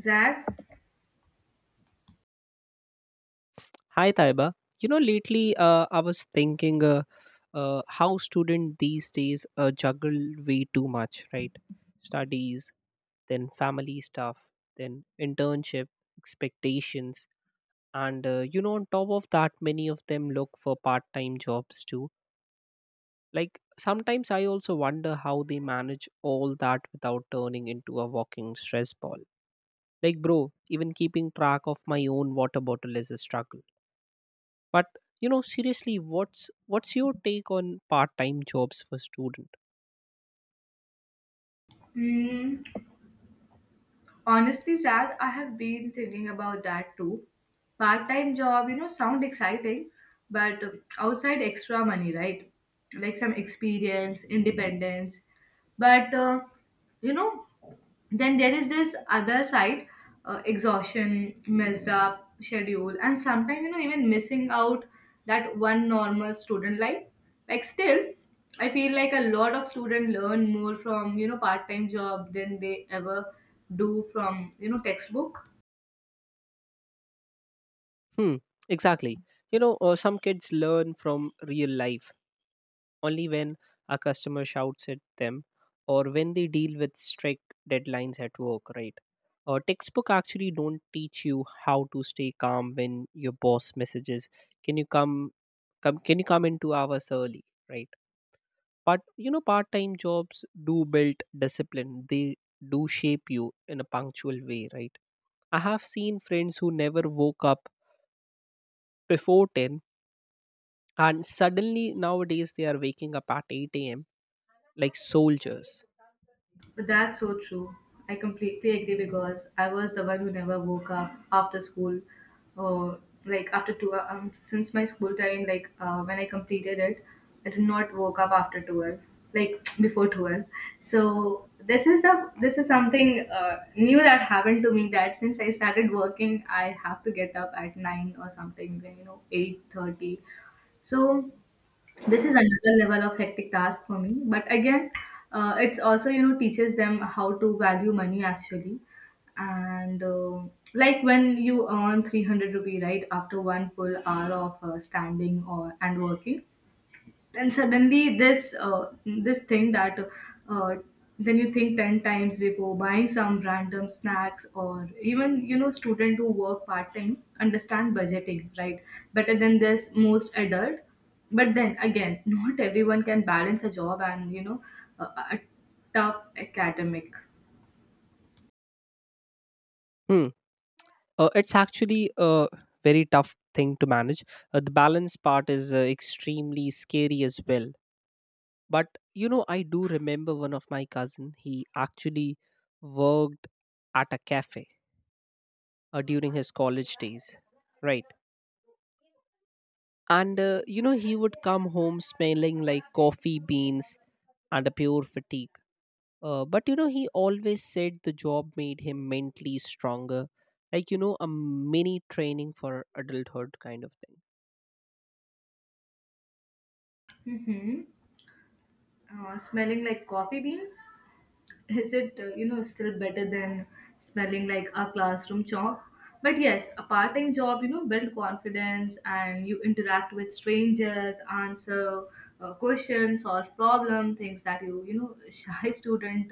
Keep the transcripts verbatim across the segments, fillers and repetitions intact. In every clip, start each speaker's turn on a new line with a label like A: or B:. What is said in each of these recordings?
A: Zach.
B: Hi, Taiba. You know, lately uh, I was thinking uh, uh, how students these days uh, juggle way too much, right? Studies, then family stuff, then internship, expectations. And, uh, you know, on top of that, many of them look for part time jobs too. Like, sometimes I also wonder how they manage all that without turning into a walking stress ball. Like, bro, even keeping track of my own water bottle is a struggle. But you know, seriously, what's what's your take on part-time jobs for student?
A: mm, Honestly, Zach, I have been thinking about that too. Part-time job, you know, sound exciting, but uh, outside extra money, right? Like some experience, independence. But uh, you know, then there is this other side, uh, exhaustion, messed up schedule, and sometimes, you know, even missing out that one normal student life, like, still I feel like a lot of students learn more from, you know, part-time job than they ever do from, you know, textbook.
B: Hmm, exactly. You know, uh, some kids learn from real life only when a customer shouts at them, or when they deal with strict deadlines at work, right? Uh, textbook actually don't teach you how to stay calm when your boss messages, "Can you come, come? Can you come in two hours early?" Right? But you know, part time jobs do build discipline, they do shape you in a punctual way, right? I have seen friends who never woke up before ten and suddenly nowadays they are waking up at eight a m like soldiers.
A: But that's so true. I completely agree because I was the one who never woke up after school, or like after two. Um, since my school time, like uh, when I completed it, I did not woke up after twelve, like before twelve. So this is the this is something uh, new that happened to me. That since I started working, I have to get up at nine or something. You know, eight thirty. So this is another level of hectic task for me, but again, uh, it's also, you know, teaches them how to value money actually, and uh, like when you earn three hundred rupee right after one full hour of uh, standing or and working, and suddenly this, uh, this thing that uh, then you think ten times before buying some random snacks. Or even, you know, student who work part-time understand budgeting, right, better than this most adult. But then again, not everyone can balance a job and, you know, a, a a tough academic.
B: Hmm. Uh, it's actually a very tough thing to manage. Uh, the balance part is uh, extremely scary as well. But you know, I do remember one of my cousin. He actually worked at a cafe uh, during his college days, right? And uh, you know, he would come home smelling like coffee beans and a pure fatigue. Uh, but you know, he always said the job made him mentally stronger, like you know, a mini training for adulthood kind of thing.
A: Mm-hmm. Uh, smelling like coffee beans, is it, uh, you know, still better than smelling like a classroom chalk? But yes, a part-time job, you know, build confidence, and you interact with strangers, answer uh, questions, solve problem, things that you you know shy student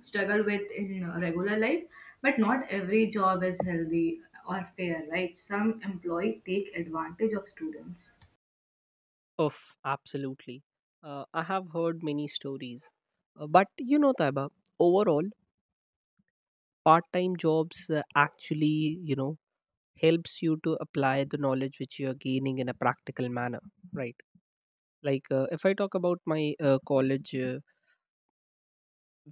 A: struggle with in uh, regular life. But not every job is healthy or fair, right? Some employee take advantage of students.
B: Oof, absolutely. Uh, I have heard many stories, uh, but you know, Taiba, overall, part-time jobs uh, actually, you know, helps you to apply the knowledge which you are gaining in a practical manner, right? Like uh, if I talk about my uh, college, uh,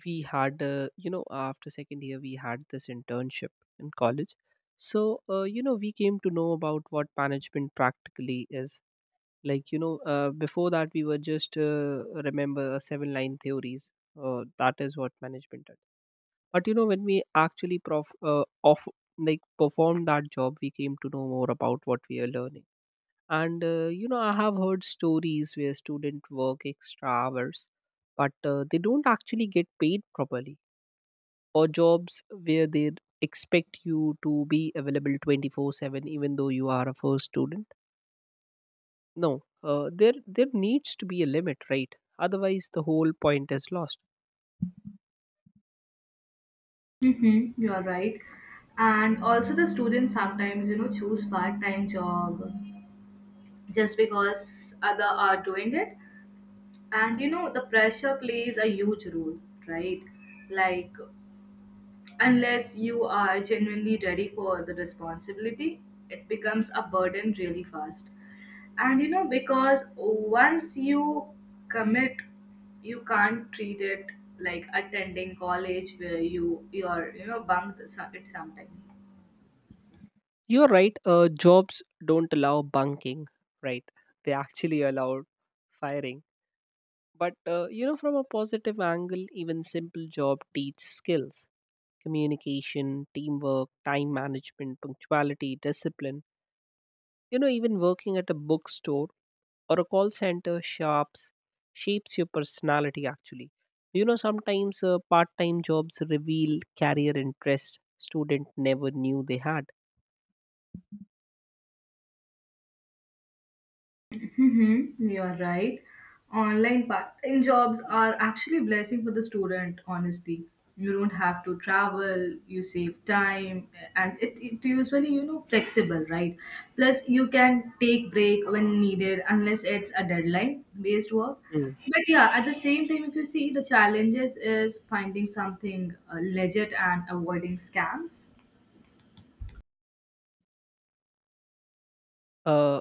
B: we had, uh, you know, after second year we had this internship in college. So uh, you know, we came to know about what management practically is. Like, you know, uh, before that we were just uh, remember uh, seven line theories, uh, that is what management is. But you know, when we actually prof uh, off like performed that job, we came to know more about what we are learning. And uh, you know, I have heard stories where students work extra hours but uh, they don't actually get paid properly, or jobs where they expect you to be available twenty four seven even though you are a first student. No, uh, there there needs to be a limit, right? Otherwise the whole point is lost.
A: Mm-hmm, you are right. And also the students sometimes, you know, choose part-time job just because other are doing it, and, you know, the pressure plays a huge role, right? Like, unless you are genuinely ready for the responsibility, it becomes a burden really fast. And, you know, because once you commit, you can't treat it like attending college where you you're, you know, bunked so- it sometime.
B: You're right. uh, jobs don't allow bunking, right? They actually allow firing. But uh, you know, from a positive angle, even simple job teach skills: communication, teamwork, time management, punctuality, discipline. You know, even working at a bookstore or a call center shops shapes your personality actually. You know, sometimes uh, part time jobs reveal career interest student never knew they had.
A: Mm-hmm, you are right. Online part-time jobs are actually a blessing for the student, honestly. You don't have to travel, you save time, and it, it usually, you know, flexible, right? Plus, you can take break when needed, unless it's a deadline-based work.
B: Hmm.
A: But yeah, at the same time, if you see, the challenges is finding something uh, legit and avoiding scams.
B: Uh,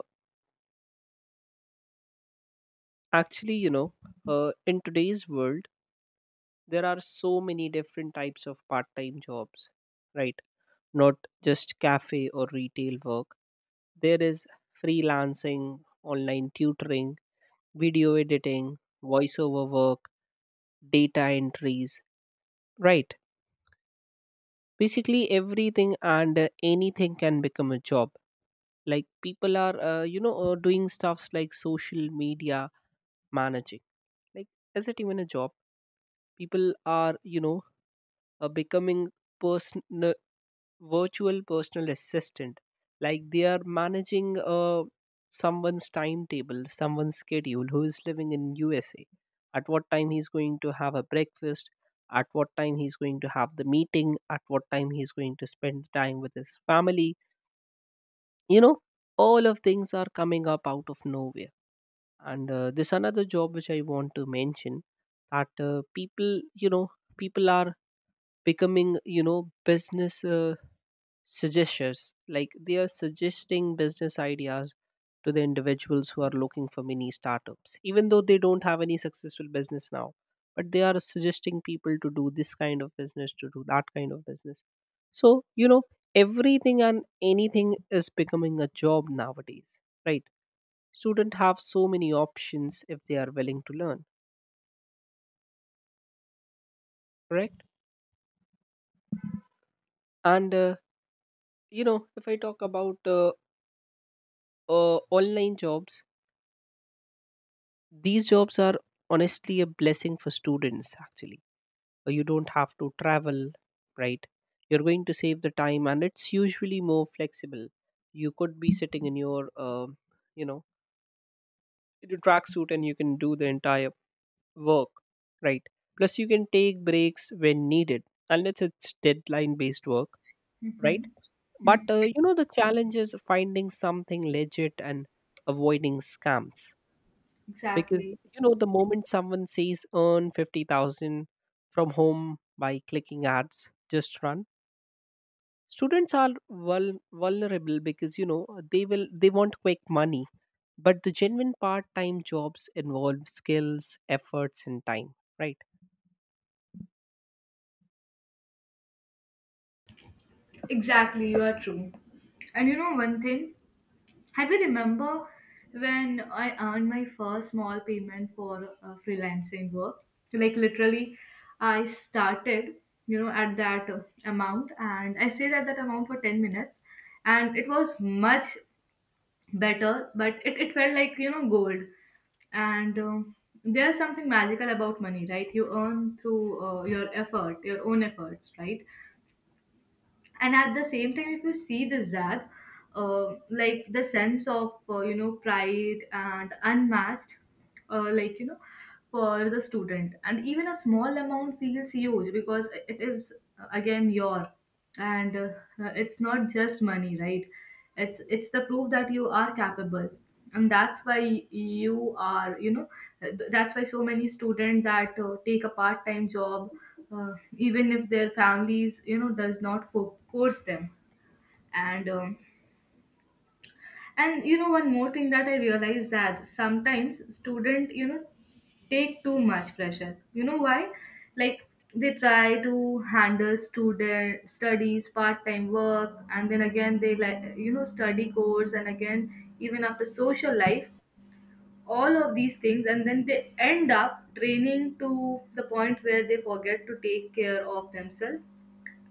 B: actually, you know, uh, in today's world, there are so many different types of part time jobs, right? Not just cafe or retail work. There is freelancing, online tutoring, video editing, voiceover work, data entries, right? Basically, everything and uh, anything can become a job. Like people are, uh, you know, uh, doing stuffs like social media managing. Like, is it even a job? People are, you know, uh, becoming person virtual personal assistant, like they are managing uh, someone's timetable, someone's schedule, who is living in USA. At what time he's going to have a breakfast, at what time he's going to have the meeting, at what time he's going to spend the time with his family, you know, all of things are coming up out of nowhere. And uh, this another job which I want to mention, that uh, people you know people are becoming, you know, business uh, suggestions. Like they are suggesting business ideas to the individuals who are looking for mini startups, even though they don't have any successful business now, but they are suggesting people to do this kind of business, to do that kind of business. So you know, everything and anything is becoming a job nowadays, right? Students have so many options if they are willing to learn. Correct. And uh, you know, if I talk about uh, uh, online jobs, these jobs are honestly a blessing for students, actually. Uh, You don't have to travel, right? You're going to save the time, and it's usually more flexible. You could be sitting in your, uh, you know, in your tracksuit, and you can do the entire work, right? Plus, you can take breaks when needed, unless it's deadline based work, right? But, uh, you know, the challenge is finding something legit and avoiding scams. Because
A: Exactly.
B: you know, the moment someone says earn fifty thousand from home by clicking ads, just run. Students are vul- vulnerable because you know, they will they want quick money, but the genuine part-time jobs involve skills, efforts and time, right?
A: Exactly, you are true. And you know one thing? I will remember when I earned my first small payment for uh, freelancing work. So, like, literally, I started, you know, at that uh, amount, and I stayed at that amount for ten minutes, and it was much better. But it it felt like, you know, gold. And um, there's something magical about money, right? You earn through uh, your effort, your own efforts, right? And at the same time, if you see the zag, uh, like the sense of, uh, you know, pride and unmatched, uh, like, you know, for the student, and even a small amount feels huge because it is, uh, again, your. And uh, it's not just money, right? It's it's the proof that you are capable. And that's why you are, you know, th- that's why so many students that uh, take a part-time job, uh, even if their families, you know, does not fo- force them. And um, and you know one more thing that I realized, that sometimes student, you know, take too much pressure. You know why? Like, they try to handle student studies, part-time work, and then again they, like, you know, study course, and again, even after social life, all of these things, and then they end up training to the point where they forget to take care of themselves.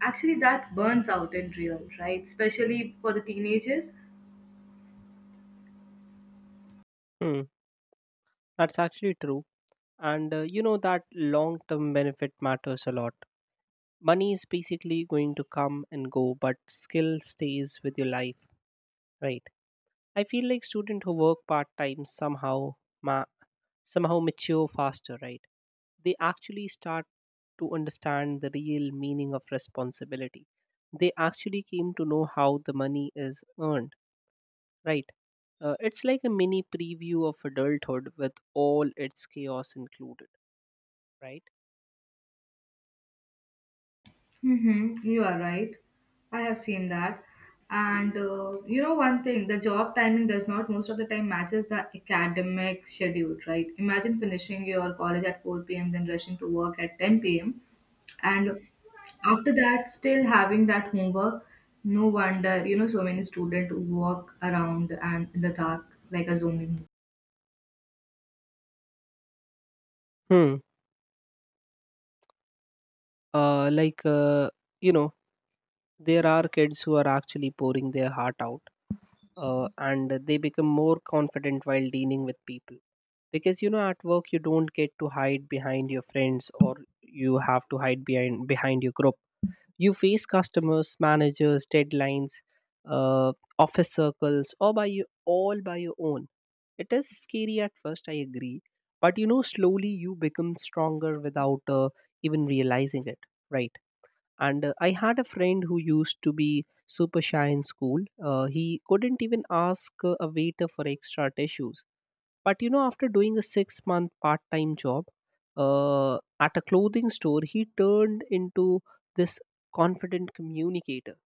A: Actually that burns out in real, right, especially for the teenagers.
B: Hmm, that's actually true. And uh, you know, that long-term benefit matters a lot. Money is basically going to come and go, but skill stays with your life, right? I feel like students who work part time somehow ma- somehow mature faster, right? They actually start to understand the real meaning of responsibility. They actually came to know how the money is earned, right? Uh, it's like a mini preview of adulthood with all its chaos included, right?
A: Mm-hmm. You are right. I have seen that. And uh, you know, one thing the job timing does not most of the time matches the academic schedule, right? Imagine finishing your college at four p m, then rushing to work at ten p m. And after that, still having that homework. No wonder, you know, so many students walk around and in the dark like a zombie.
B: Hmm. Uh, like uh, you know, there are kids who are actually pouring their heart out, uh, and they become more confident while dealing with people, because you know, at work you don't get to hide behind your friends, or you have to hide behind behind your group. You face customers, managers, deadlines, uh, office circles, or by you all by your own. It is scary at first, I agree, but you know, slowly you become stronger without uh, even realizing it, right? And uh, I had a friend who used to be super shy in school. uh, he couldn't even ask uh, a waiter for extra tissues, but you know, after doing a six month part time job, uh, at a clothing store, he turned into this confident communicator.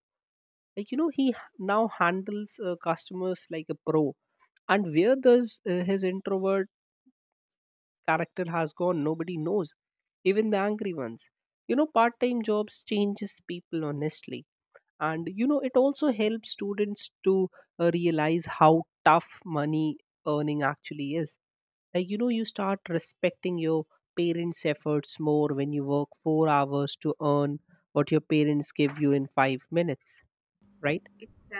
B: Like you know, he h- now handles uh, customers like a pro. And where does uh, his introvert character has gone, nobody knows. Even the angry ones, you know, part time jobs changes people honestly. And you know, it also helps students to uh, realize how tough money earning actually is. Like you know, you start respecting your parents efforts more when you work four hours to earn what your parents give you in five minutes, right?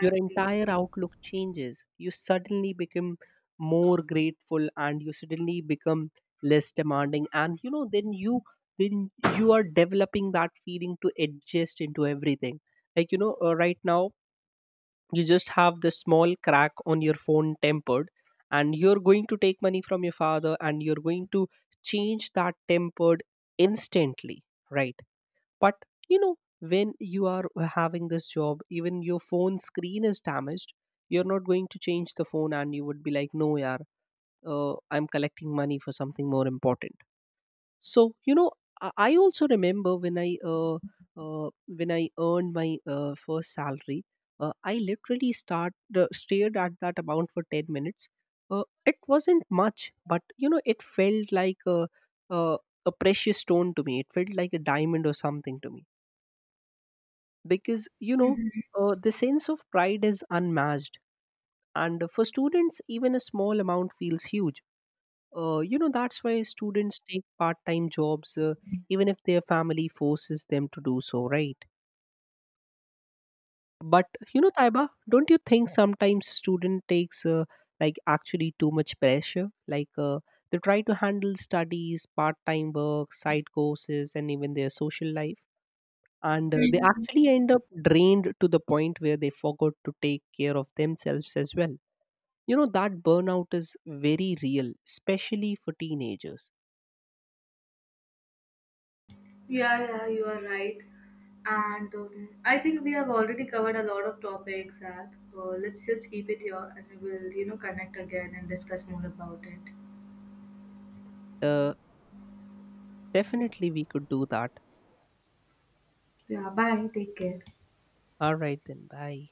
B: Your entire outlook changes. You suddenly become more grateful, and you suddenly become less demanding. And you know, then you then you are developing that feeling to adjust into everything. Like you know, uh, right now you just have this small crack on your phone tempered, and you're going to take money from your father and you're going to change that tempered instantly, right? But you know, when you are having this job, even your phone screen is damaged, you're not going to change the phone and you would be like, no yaar, uh, I'm collecting money for something more important. So you know, i I also remember when I uh, uh, when I earned my uh, first salary. Uh, i literally start uh, stared at that amount for ten minutes. uh, it wasn't much, but you know, it felt like a, a, a precious stone to me. It felt like a diamond or something to me, because you know, uh, the sense of pride is unmatched. And for students, even a small amount feels huge. uh, you know, that's why students take part-time jobs, uh, even if their family forces them to do so, right? But you know, Taiba, don't you think sometimes student takes, uh, like actually too much pressure. Like uh, they try to handle studies, part-time work, side courses, and even their social life, and uh, they
A: Mhm.
B: actually end up drained to the point where they forgot to take care of themselves as well. You know, that burnout is very real, especially for teenagers.
A: Yeah, yeah, you are right. And um, I think we have already covered a lot of topics, and uh, let's just keep it here, and we will, you know, connect again and discuss more about it.
B: uh, definitely we could do that.
A: Yeah, bye. Take care.
B: All right then, bye.